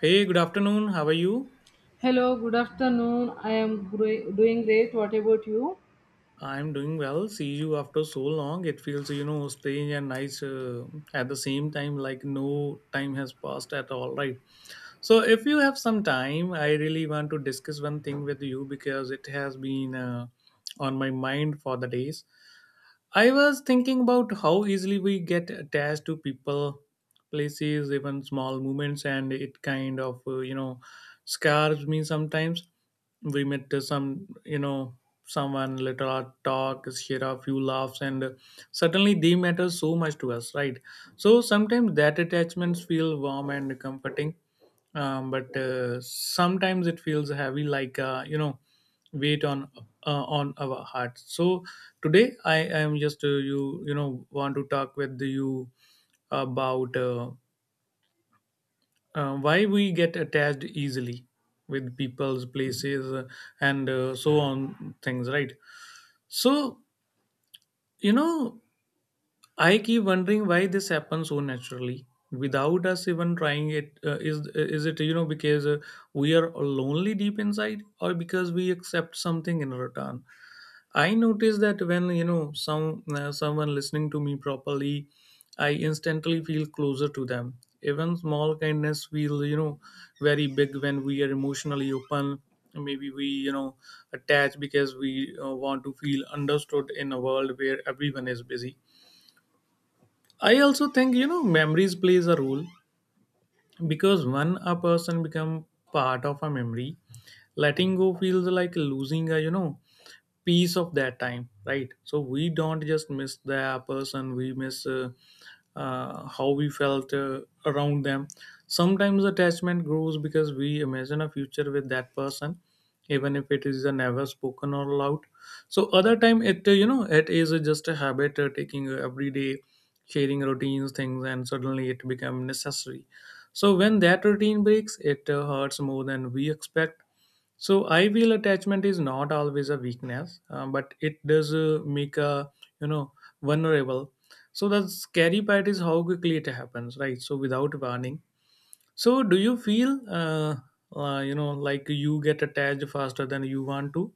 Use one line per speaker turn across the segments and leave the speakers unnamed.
Hey, good afternoon. How are you?
Hello, good afternoon. I am doing great. What about you?
I'm doing well. See you after so long. It feels, strange and nice at the same time, like no time has passed at all, right? So, if you have some time, I really want to discuss one thing with you because it has been on my mind for the days. I was thinking about how easily we get attached to people, places, even small movements, and it kind of, scars me sometimes. We met some, someone, let our talk, share a few laughs, and suddenly they matter so much to us, right? So sometimes that attachments feel warm and comforting but sometimes it feels heavy like weight on our heart. So today I am just want to talk with you about why we get attached easily with people's places and so on things, right? so you know I keep wondering why this happens so naturally without us even trying it. Is it because we are lonely deep inside, or because we accept something in return? I notice that when someone listening to me properly, I instantly feel closer to them. Even small kindness feel very big when we are emotionally open. Maybe we attach because we want to feel understood in a world where everyone is busy. I also think memories plays a role because when a person become part of a memory, letting go feels like losing a piece of that time, right? So we don't just miss the person, we miss how we felt around them. Sometimes attachment grows because we imagine a future with that person even if it is never spoken or loud. So other time it it is just a habit, taking every day, sharing routines things, and suddenly it become necessary. So when that routine breaks, it hurts more than we expect. So I feel attachment is not always a weakness, but it does make a you know vulnerable. So the scary part is how quickly it happens, right? So without warning. So do you feel like you get attached faster than you want to?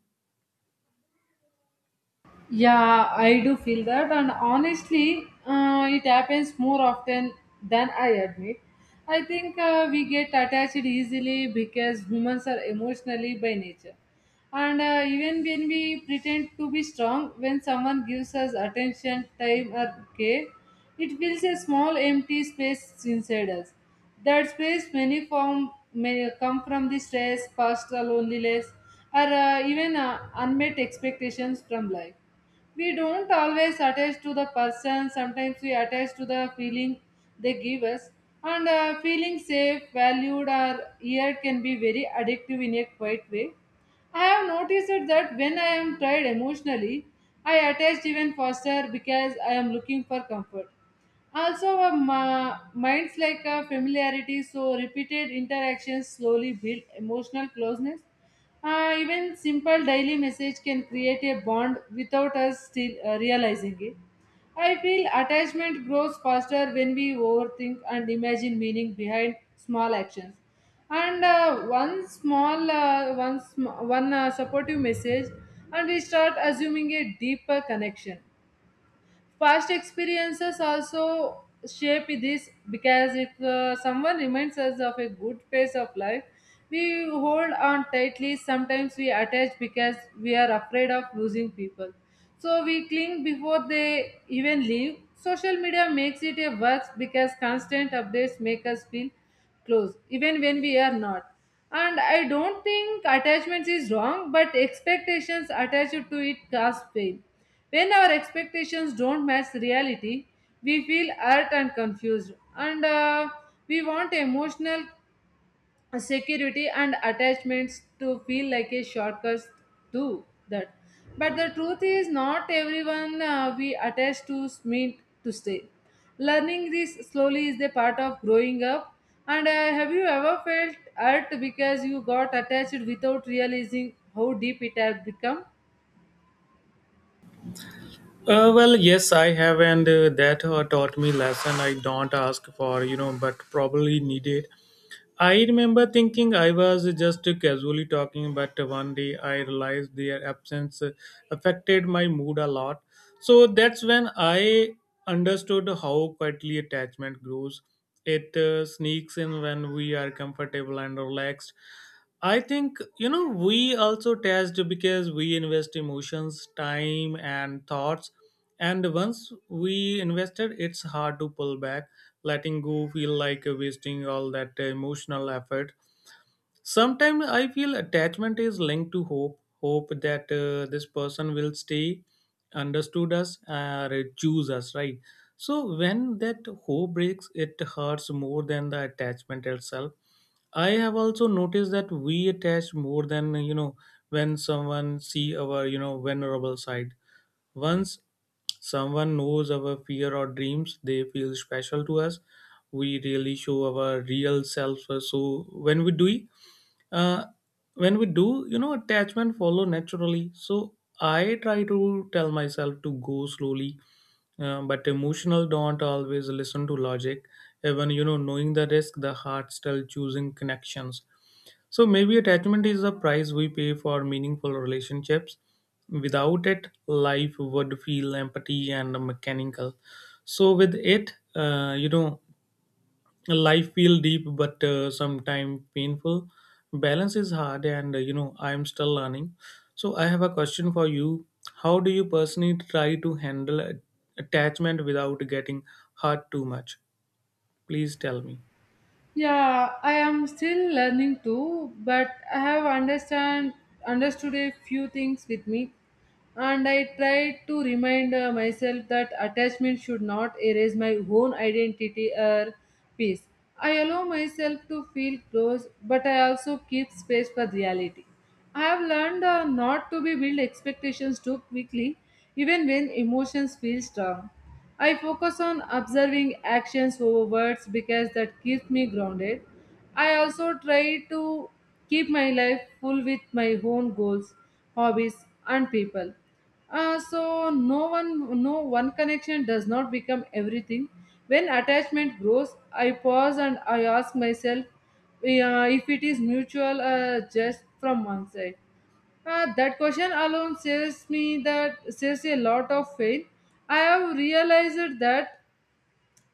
Yeah, I do feel that, and honestly, it happens more often than I admit. I think we get attached easily because humans are emotionally by nature. And even when we pretend to be strong, when someone gives us attention, time, or care, it fills a small empty space inside us. That space many form may come from the stress, past loneliness, or even unmet expectations from life. We don't always attach to the person. Sometimes we attach to the feeling they give us, and feeling safe, valued, or heard can be very addictive in a quiet way. I have noticed it that when I am tired emotionally, I attach even faster because I am looking for comfort. Also, our minds like a familiarity, so repeated interactions slowly build emotional closeness. Even simple daily message can create a bond without us still realizing it. I feel attachment grows faster when we overthink and imagine meaning behind small actions. And one small, one, sm- one supportive message, and we start assuming a deeper connection. Past experiences also shape this, because if someone reminds us of a good phase of life, we hold on tightly. Sometimes we attach because we are afraid of losing people, so we cling before they even leave. Social media makes it a worse because constant updates make us feel close even when we are not. And I don't think attachments is wrong, but expectations attached to it cause pain. When our expectations don't match reality, we feel hurt and confused, and we want emotional security, and attachments to feel like a shortcut to that. But the truth is, not everyone we attach to mean to stay. Learning this slowly is the part of growing up. And have you ever felt hurt because you got attached without realizing how deep it had become?
Well, yes, I have, and that taught me lesson I don't ask for, you know, but probably needed. I remember thinking I was just casually talking, but one day I realized their absence affected my mood a lot. So that's when I understood how quietly attachment grows. It sneaks in when we are comfortable and relaxed. I think, you know, we also attached because we invest emotions, time, and thoughts, and once we invested, it's hard to pull back. Letting go feel like wasting all that emotional effort. Sometimes I feel attachment is linked to hope, hope that this person will stay, understood us, or choose us, right? So when that hope breaks, it hurts more than the attachment itself. I have also noticed that we attach more than when someone see our vulnerable side. Once someone knows our fear or dreams, they feel special to us. We really show our real self. So when we do it, uh, when we do you know attachment follow naturally. So I try to tell myself to go slowly, but emotional don't always listen to logic. Even knowing the risk, the heart still choosing connections. So maybe attachment is the price we pay for meaningful relationships. Without it life would feel empty and mechanical. So with it life feel deep but sometime painful. Balance is hard, and I'm still learning. So I have a question for you. How do you personally try to handle attachment without getting hurt too much? Please tell me.
Yeah, I am still learning too, but I have understand understood a few things with me. And I try to remind myself that attachment should not erase my own identity or peace. I allow myself to feel close, but I also keep space for reality. I have learned not to be build expectations too quickly, even when emotions feel strong. I focus on observing actions over words because that keeps me grounded. I also try to keep my life full with my own goals, hobbies, and people. So no one connection does not become everything. When attachment grows, I pause and I ask myself if it is mutual, just from one side. That question alone says me that says a lot of faith. I have realized that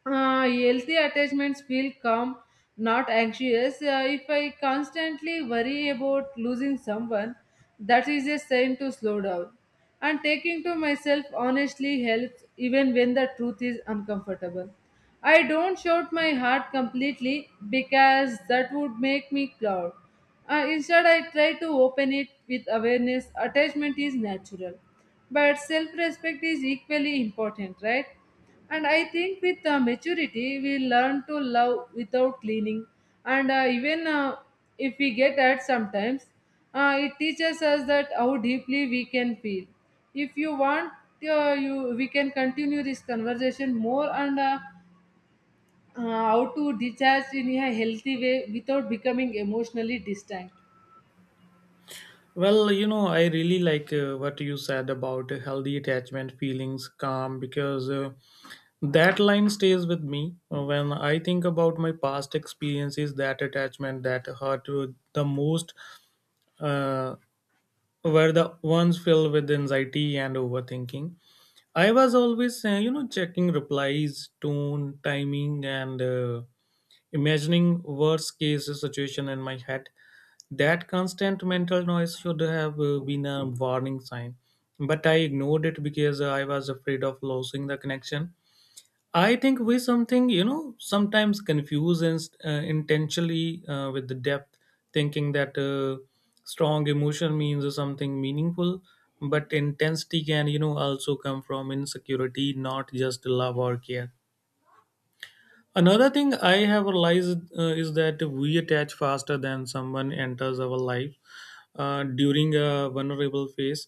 healthy attachments feel calm, not anxious. If I constantly worry about losing someone, that is a sign to slow down. And taking to myself honestly helps even when the truth is uncomfortable. I don't shout my heart completely because that would make me proud. Instead, I try to open it with awareness. Attachment is natural, but self respect is equally important, right? And I think with maturity, we learn to love without cleaning. And even if we get hurt sometimes, it teaches us that how deeply we can feel. If you want, you we can continue this conversation more and how to detach in a healthy way without becoming emotionally distant.
Well, you know, I really like what you said about healthy attachment feelings calm because that line stays with me. When I think about my past experiences, that attachment that hurt the most uh, were the ones filled with anxiety and overthinking. I was always, you know, checking replies, tone, timing, and imagining worst case situation in my head. That constant mental noise should have been a warning sign, but I ignored it because I was afraid of losing the connection. I think we something you know sometimes confuse and uh, intentionally with the depth, thinking that strong emotion means something meaningful, but intensity can you know also come from insecurity, not just love or care. Another thing I have realized is that we attach faster than someone enters our life during a vulnerable phase.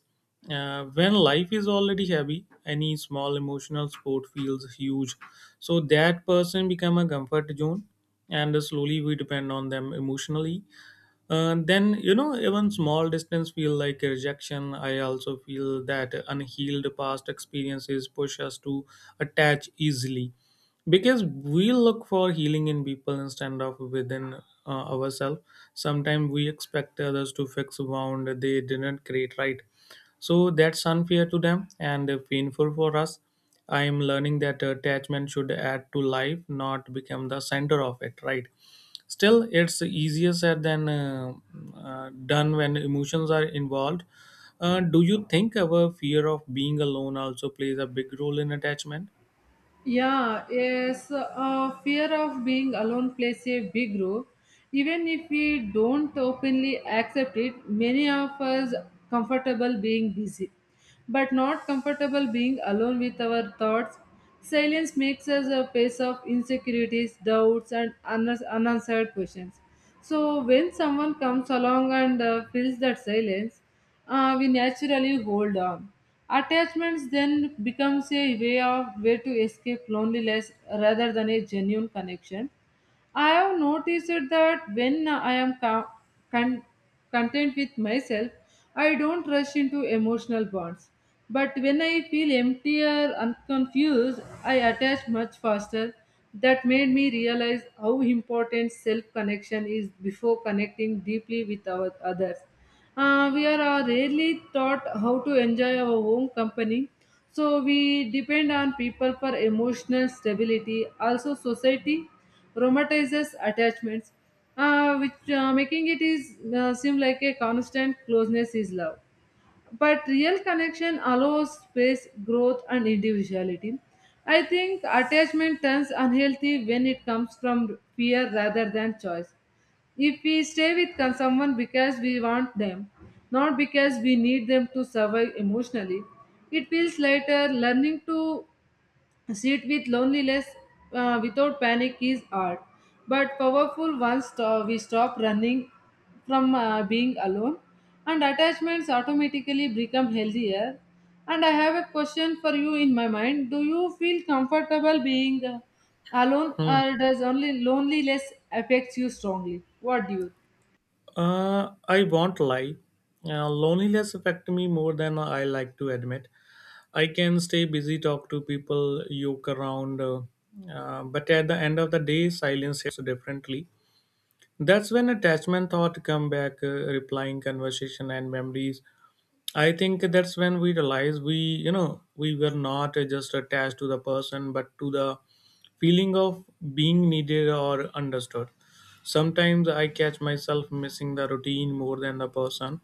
When life is already heavy, any small emotional support feels huge. So that person become a comfort zone, and slowly we depend on them emotionally. Then you know even small distance feel like a rejection. I also feel that unhealed past experiences push us to attach easily because we look for healing in people instead of within ourselves. Sometimes we expect others to fix a wound they didn't create, right? So that's unfair to them and painful for us. I am learning that attachment should add to life, not become the center of it, right? Still, it's easier said than done when emotions are involved. Do you think our fear of being alone also plays a big role in attachment?
Yeah, yes, fear of being alone plays a big role. Even if we don't openly accept it, many of us comfortable being busy, but not comfortable being alone with our thoughts. Silence makes us a face of insecurities, doubts, and unanswered questions. So when someone comes along and fills that silence, we naturally hold on. Attachments then becomes a way to escape loneliness rather than a genuine connection. I have noticed that when I am con- content with myself, I don't rush into emotional bonds. But when I feel empty or unconfused, I attach much faster. That made me realize how important self connection is before connecting deeply with our others. We are rarely taught how to enjoy our own company, so we depend on people for emotional stability. Also, society romanticizes attachments, which making it is seem like a constant closeness is love, but real connection allows space, growth, and individuality. I think attachment turns unhealthy when it comes from fear rather than choice. If we stay with someone because we want them, not because we need them to survive emotionally, it feels later learning to sit with loneliness without panic is art, but powerful. Once we stop running from being alone, and attachments automatically become healthier. And I have a question for you in my mind. Do you feel comfortable being alone,
Hmm.
or does only loneliness affects you strongly? What do you?
I won't lie. Loneliness affects me more than I like to admit. I can stay busy, talk to people, yoke around, but at the end of the day, silence hits differently. That's when attachment thought come back, replying conversation and memories. I think that's when we realize we, you know, we were not just attached to the person, but to the feeling of being needed or understood. Sometimes I catch myself missing the routine more than the person,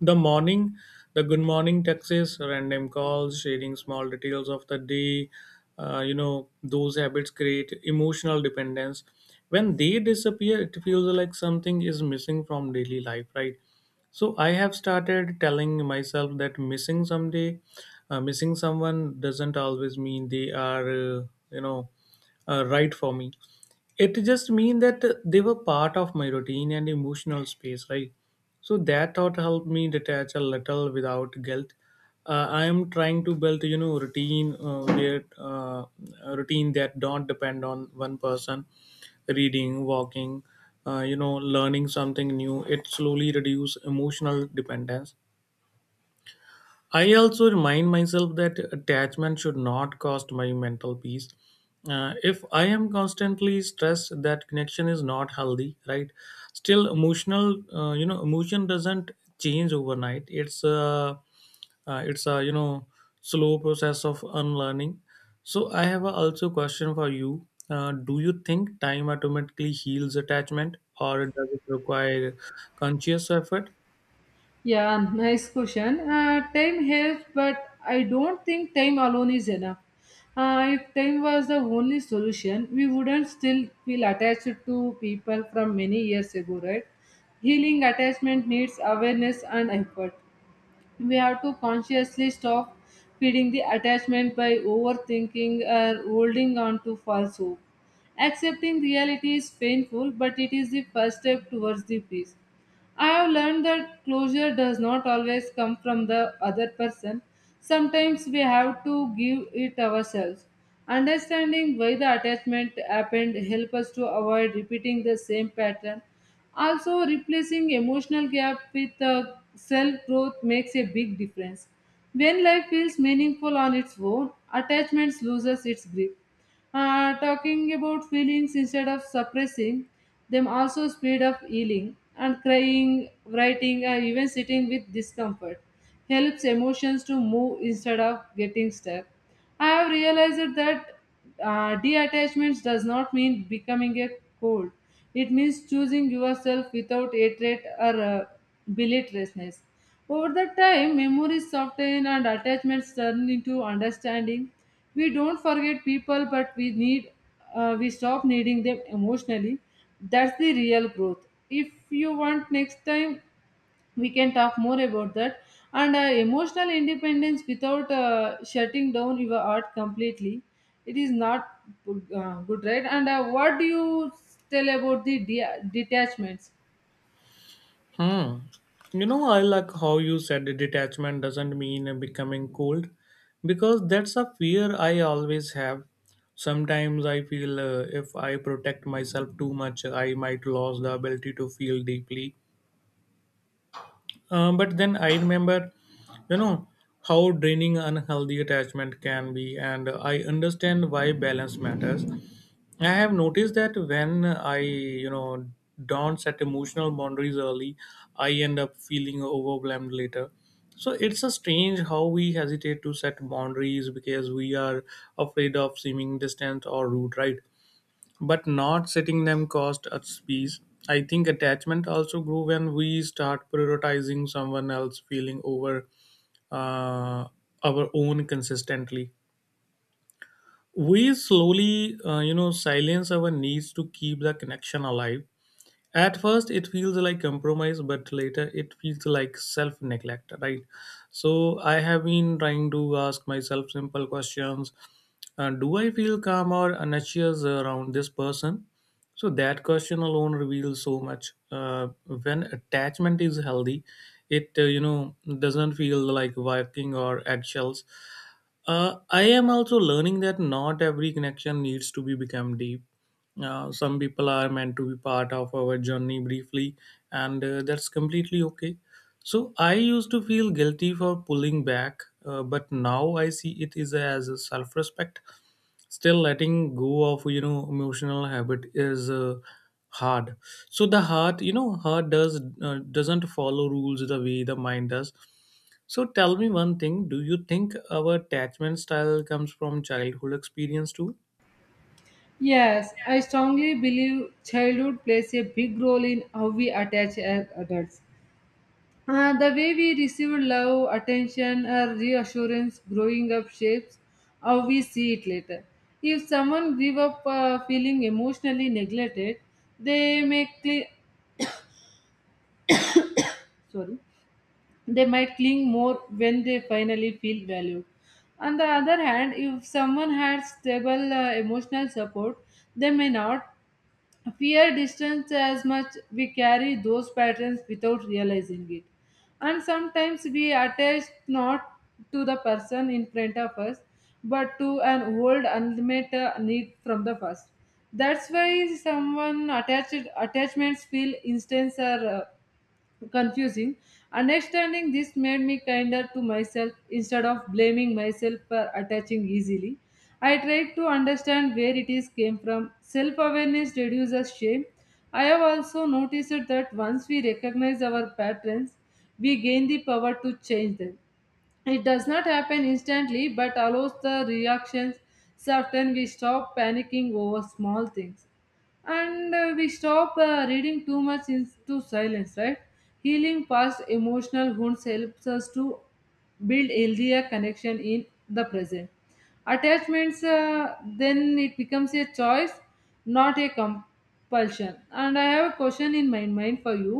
the morning, the good morning texts, random calls, sharing small details of the day, you know, those habits create emotional dependence. When they disappear, it feels like something is missing from daily life, right? So I have started telling myself that missing someone doesn't always mean they are, you know, right for me. It just mean that they were part of my routine and emotional space, right? So that thought helped me detach a little without guilt. I am trying to build routine where a routine that don't depend on one person. Reading, walking, you know, learning something new, it slowly reduce emotional dependence. I also remind myself that attachment should not cost my mental peace. If I am constantly stressed, that connection is not healthy, right? Still, emotion doesn't change overnight. It's a slow process of unlearning. So I have a also question for you. Do you think time automatically heals attachment, or does it require conscious effort?
Yeah, nice question. Time helps, but I don't think time alone is enough. If time was the only solution, we wouldn't still feel attached to people from many years ago, right? Healing attachment needs awareness and effort. We have to consciously stop feeding the attachment by overthinking or holding on to false hope. Accepting reality is painful, but it is the first step towards the peace. I have learned that closure does not always come from the other person. Sometimes we have to give it ourselves. Understanding why the attachment happened help us to avoid repeating the same pattern. Also, replacing emotional gap with self growth makes a big difference. When life feels meaningful on its own, attachments loses its grip. Talking about feelings instead of suppressing them also speed up healing, and crying, writing, or even sitting with discomfort helps emotions to move instead of getting stuck. I have realized that deattachment does not mean becoming a cold. It means choosing yourself without hatred or belittlessness. Over the time, memories soften and attachments turn into understanding. We don't forget people, but we stop needing them emotionally. That's the real growth. If you want next time, we can talk more about that, and emotional independence without shutting down your art completely. It is not good, right? And what do you tell about the detachments?
Hmm. You know, I like how you said the detachment doesn't mean becoming cold because that's a fear I always have. Sometimes I feel if I protect myself too much, I might lose the ability to feel deeply, but then I remember, you know, how draining unhealthy attachment can be, and I understand why balance matters. I have noticed that when I, you know, don't set emotional boundaries early, I end up feeling overwhelmed later. So it's a strange how we hesitate to set boundaries because we are afraid of seeming distant or rude, right? But not setting them cost us peace. I think attachment also grew when we start prioritizing someone else feeling over uh, our own consistently. We slowly, silence our needs to keep the connection alive. At first, it feels like compromise, but later it feels like self neglect, right? So, I have been trying to ask myself simple questions. Do I feel calm or anxious around this person? So, that question alone reveals so much. When attachment is healthy, it doesn't feel like walking or eggshells. I am also learning that not every connection needs to be become deep. Some people are meant to be part of our journey briefly, and that's completely okay. So I used to feel guilty for pulling back, but now I see it is as a self-respect. Still, letting go of emotional habit is hard. So the heart, heart does doesn't follow rules the way the mind does. So tell me one thing: do you think our attachment style comes from childhood experience too?
Yes, I strongly believe childhood plays a big role in how we attach as adults. The way we receive love, attention, or reassurance growing up shapes how we see it later. If someone grew up feeling emotionally neglected, they may sorry, they might cling more when they finally feel valued. On the other hand, if someone had stable emotional support, they may not fear distance as much. We carry those patterns without realizing it. And sometimes we attach not to the person in front of us, but to an old unmet need from the past. That's why someone attached attachments feel instant or confusing. Understanding this made me kinder to myself instead of blaming myself for attaching easily. I tried to understand where it is came from. Self awareness reduces shame. I have also noticed that once we recognize our patterns, we gain the power to change them. It does not happen instantly but allows the reactions. So often we stop panicking over small things, and we stop reading too much into silence, right? Healing past emotional wounds helps us to build healthier connection in the present. Attachments then it becomes a choice, not a compulsion. And I have a question in my mind for you.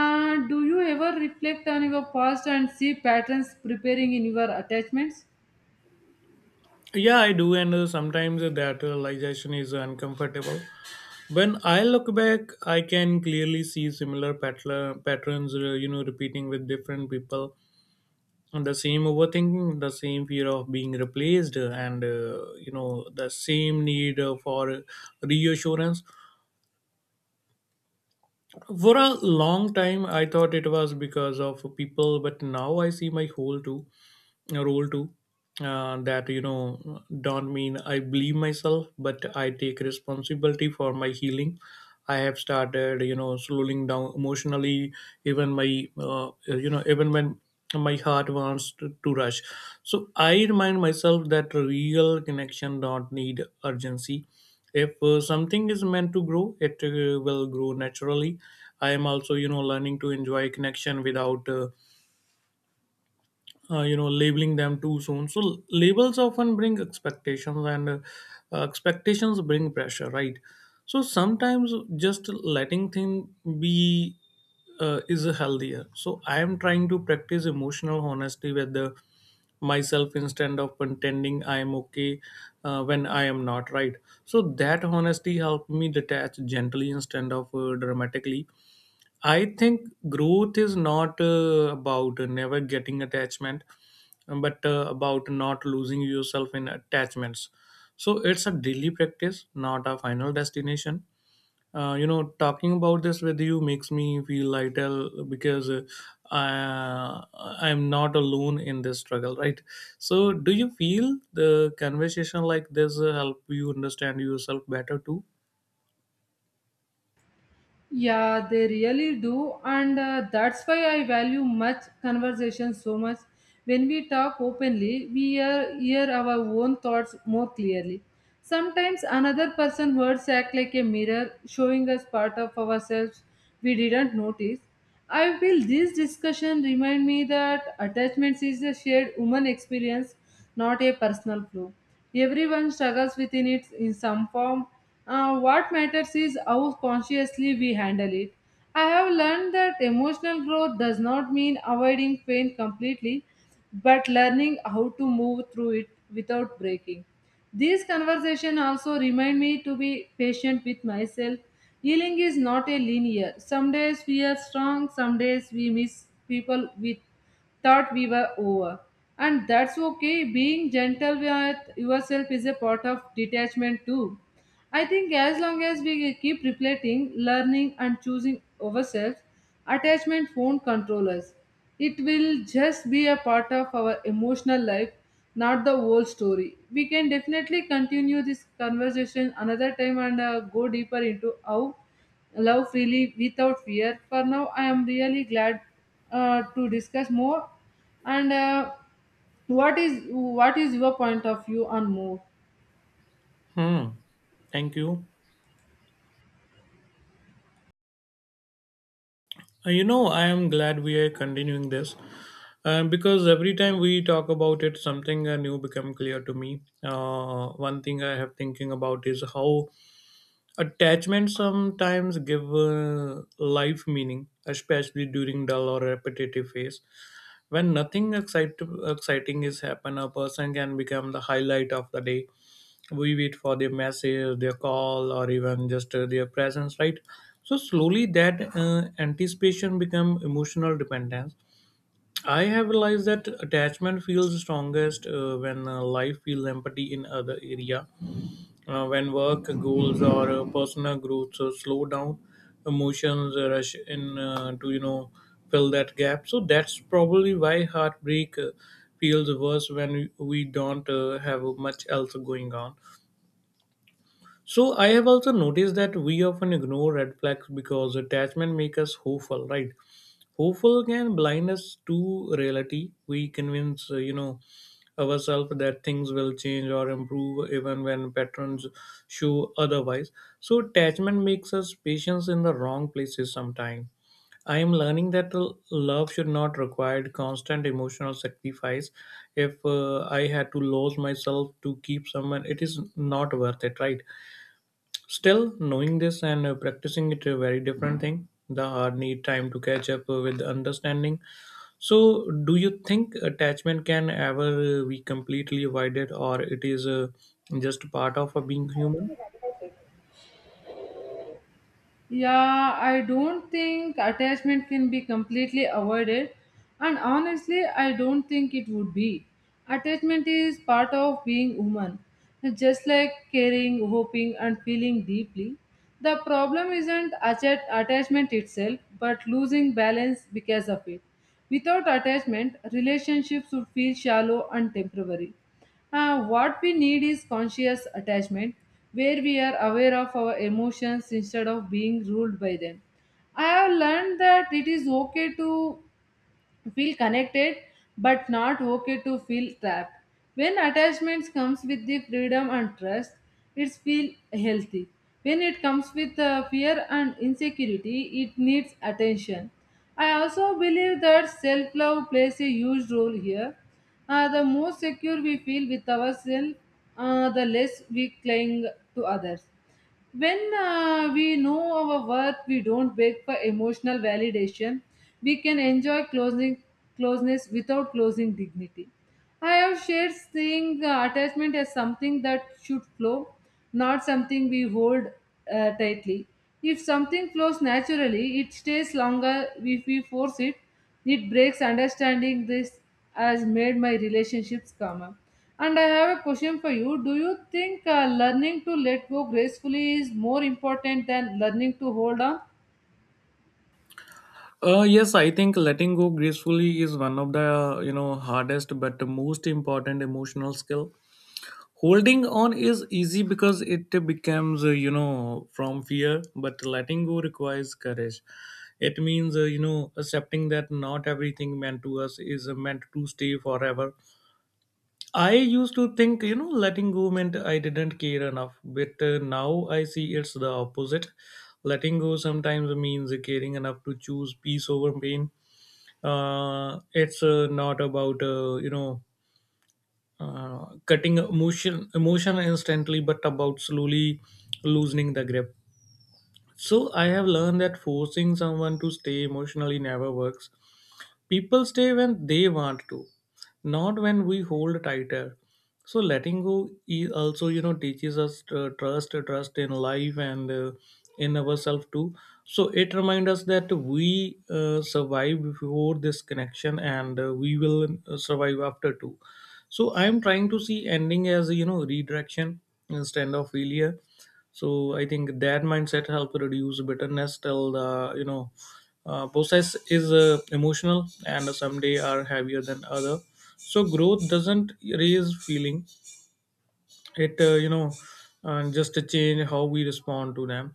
Do you ever reflect on your past and see patterns preparing in your attachments?
Yeah, I do, and sometimes that realization is uncomfortable. When I look back, I can clearly see similar patterns repeating with different people, and the same overthinking, the same fear of being replaced, and the same need for reassurance. For a long time I thought it was because of people, but now I see my whole too, a role too. That, don't mean I believe myself, but I take responsibility for my healing. I have started, slowing down emotionally, even my even when my heart wants to rush. So I remind myself that real connection don't need urgency. If something is meant to grow, it will grow naturally. I am also, learning to enjoy connection without labeling them too soon. So labels often bring expectations, and expectations bring pressure, right? So sometimes just letting things be is healthier. So I am trying to practice emotional honesty with the myself instead of pretending I am okay when I am not, right? So that honesty helped me detach gently instead of dramatically. I think growth is not about never getting attachment, but about not losing yourself in attachments. So it's a daily practice, not a final destination. Talking about this with you makes me feel lighter because I, I'm not alone in this struggle, right? So, do you feel the conversation like this help you understand yourself better too?
Yeah, they really do, and that's why I value much conversation so much. When we talk openly, hear our own thoughts more clearly. Sometimes another person's words act like a mirror, showing us part of ourselves we didn't notice. I feel this discussion remind me that attachments is a shared human experience, not a personal flaw. Everyone struggles within it in some form. What matters is how consciously we handle it. I have learned that emotional growth does not mean avoiding pain completely, but learning how to move through it without breaking. These conversations also remind me to be patient with myself. Healing is not a linear. Some days we are strong, some days we miss people with thought we were over. And that's okay, being gentle with yourself is a part of detachment too. I think as long as we keep reflecting, learning, and choosing ourselves, attachment won't control us. It will just be a part of our emotional life, not the whole story. We can definitely continue this conversation another time and go deeper into how love freely without fear. For now, I am really glad to discuss more. And What is your point of view on more?
Hmm. Thank you. I am glad we are continuing this, because every time we talk about it, something new become clear to me. One thing I have thinking about is how attachment sometimes give life meaning, especially during dull or repetitive phase. When nothing exciting is happen, a person can become the highlight of the day. We wait for their message, their call, or even just their presence, right? So slowly that anticipation become emotional dependence. I have realized that attachment feels strongest when life feels empty in other area. When work goals or personal growth so slow down, emotions rush in to, fill that gap. So that's probably why heartbreak feels worse when we don't have much else going on. So I have also noticed that we often ignore red flags because attachment makes us hopeful, right? Hopeful can blind us to reality. We convince, ourselves that things will change or improve even when patterns show otherwise. So attachment makes us patience in the wrong places sometimes. I am learning that love should not require constant emotional sacrifice. If I had to lose myself to keep someone, it is not worth it, right? Still, knowing this and practicing it a very different thing. The art need time to catch up with understanding. So, do you think attachment can ever be completely avoided, or it is just part of being human?
Yeah, I don't think attachment can be completely avoided, and honestly, I don't think it would be. Attachment is part of being human, just like caring, hoping, and feeling deeply. The problem isn't attachment itself, but losing balance because of it. Without attachment, relationships would feel shallow and temporary. What we need is conscious attachment, where we are aware of our emotions instead of being ruled by them. I have learned that it is okay to feel connected but not okay to feel trapped when attachments comes with the freedom and trust, it feel healthy. When it comes with fear and insecurity, it needs attention. I also believe that self love plays a huge role here. The more secure we feel with ourselves, the less we cling to others. When we know our worth, we don't beg for emotional validation. We can enjoy closing, closeness without closing dignity. I have shared seeing attachment as something that should flow, not something we hold tightly. If something flows naturally, it stays longer. If we force it, it breaks. Understanding this has made my relationships calmer. And I have a question for you. Do you think learning to let go gracefully is more important than learning to hold on?
Yes, I think letting go gracefully is one of the hardest but most important emotional skill. Holding on is easy because it becomes from fear, but letting go requires courage. It means accepting that not everything meant to us is meant to stay forever. I used to think, letting go meant I didn't care enough, but now I see it's the opposite. Letting go sometimes means caring enough to choose peace over pain. It's not about cutting emotion instantly, but about slowly loosening the grip. So I have learned that forcing someone to stay emotionally never works. People stay when they want to, not when we hold tighter. So letting go also, teaches us trust in life and in ourselves too. So it reminds us that we survive before this connection, and we will survive after too. So I am trying to see ending as, redirection instead of failure. So I think that mindset helps reduce bitterness till the you know process is emotional, and some day are heavier than other. So growth doesn't raise feeling, it just change how we respond to them.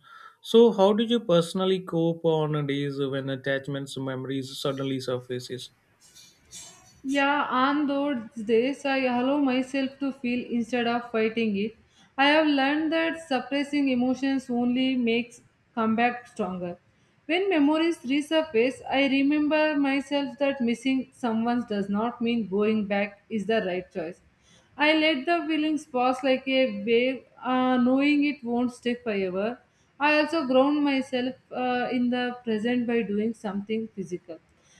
So how did you personally cope on days when attachments memories suddenly surfaces?
Yeah, on those days, I allow myself to feel instead of fighting it. I have learned that suppressing emotions only makes comeback stronger. When memories resurface, I remember myself that missing someone does not mean going back is the right choice. I let the feelings pass like a wave, knowing it won't stay forever. I also ground myself in the present by doing something physical,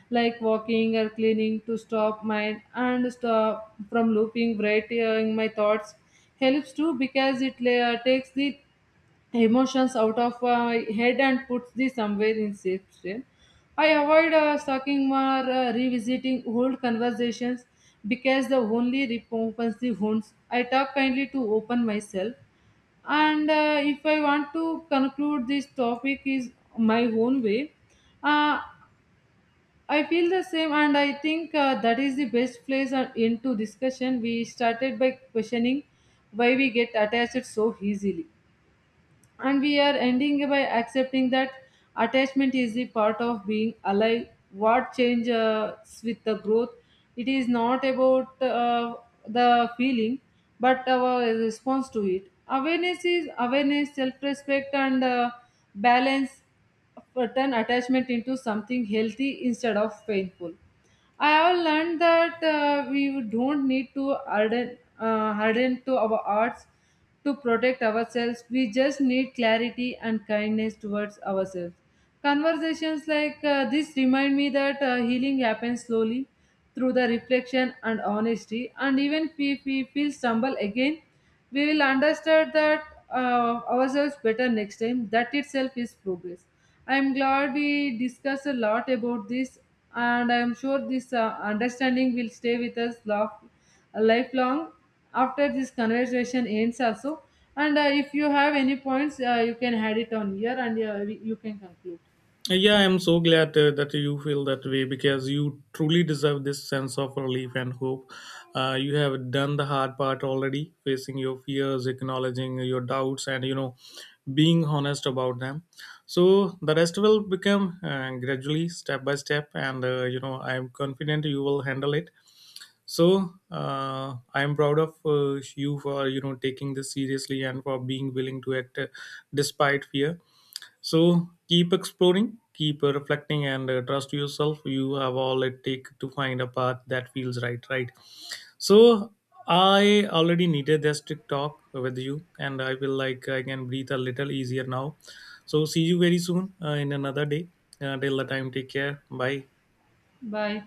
like walking or cleaning to stop mind and stop from looping. Writing my thoughts helps too, because it takes the emotions out of my head and puts the somewhere in safe stream. I avoid talking or revisiting old conversations because the only reopens the wounds. I talk kindly to open myself, and if I want to conclude this topic is my own way. Uh, I feel the same, and I think that is the best place into discussion. We started by questioning why we get attached so easily, and we are ending by accepting that attachment is the part of being alive what changes with the growth. It is not about the feeling, but our response to it. Awareness is awareness, self-respect, and balance turn attachment into something healthy instead of painful. I have learned that we don't need to harden, harden to our arts to protect ourselves. We just need clarity and kindness towards ourselves. Conversations like this remind me that healing happens slowly through the reflection and honesty. And even if we feel stumble again, we will understand that ourselves better next time. That itself is progress. I am glad we discussed a lot about this, and I am sure this understanding will stay with us lifelong after this conversation ends, also. And If you have any points, you can add it on here, and you can conclude.
Yeah, I'm so glad that you feel that way, because you truly deserve this sense of relief and hope. You have done the hard part already: facing your fears, acknowledging your doubts, and, being honest about them. So the rest will become gradually, step by step, and, I'm confident you will handle it. So I'm proud of you for taking this seriously and for being willing to act despite fear. So keep exploring, keep reflecting, and trust yourself. You have all it takes to find a path that feels right. Right. So I already needed this TikTok with you, and I will like I can breathe a little easier now. So see you very soon in another day. Till the time, take care. Bye.
Bye.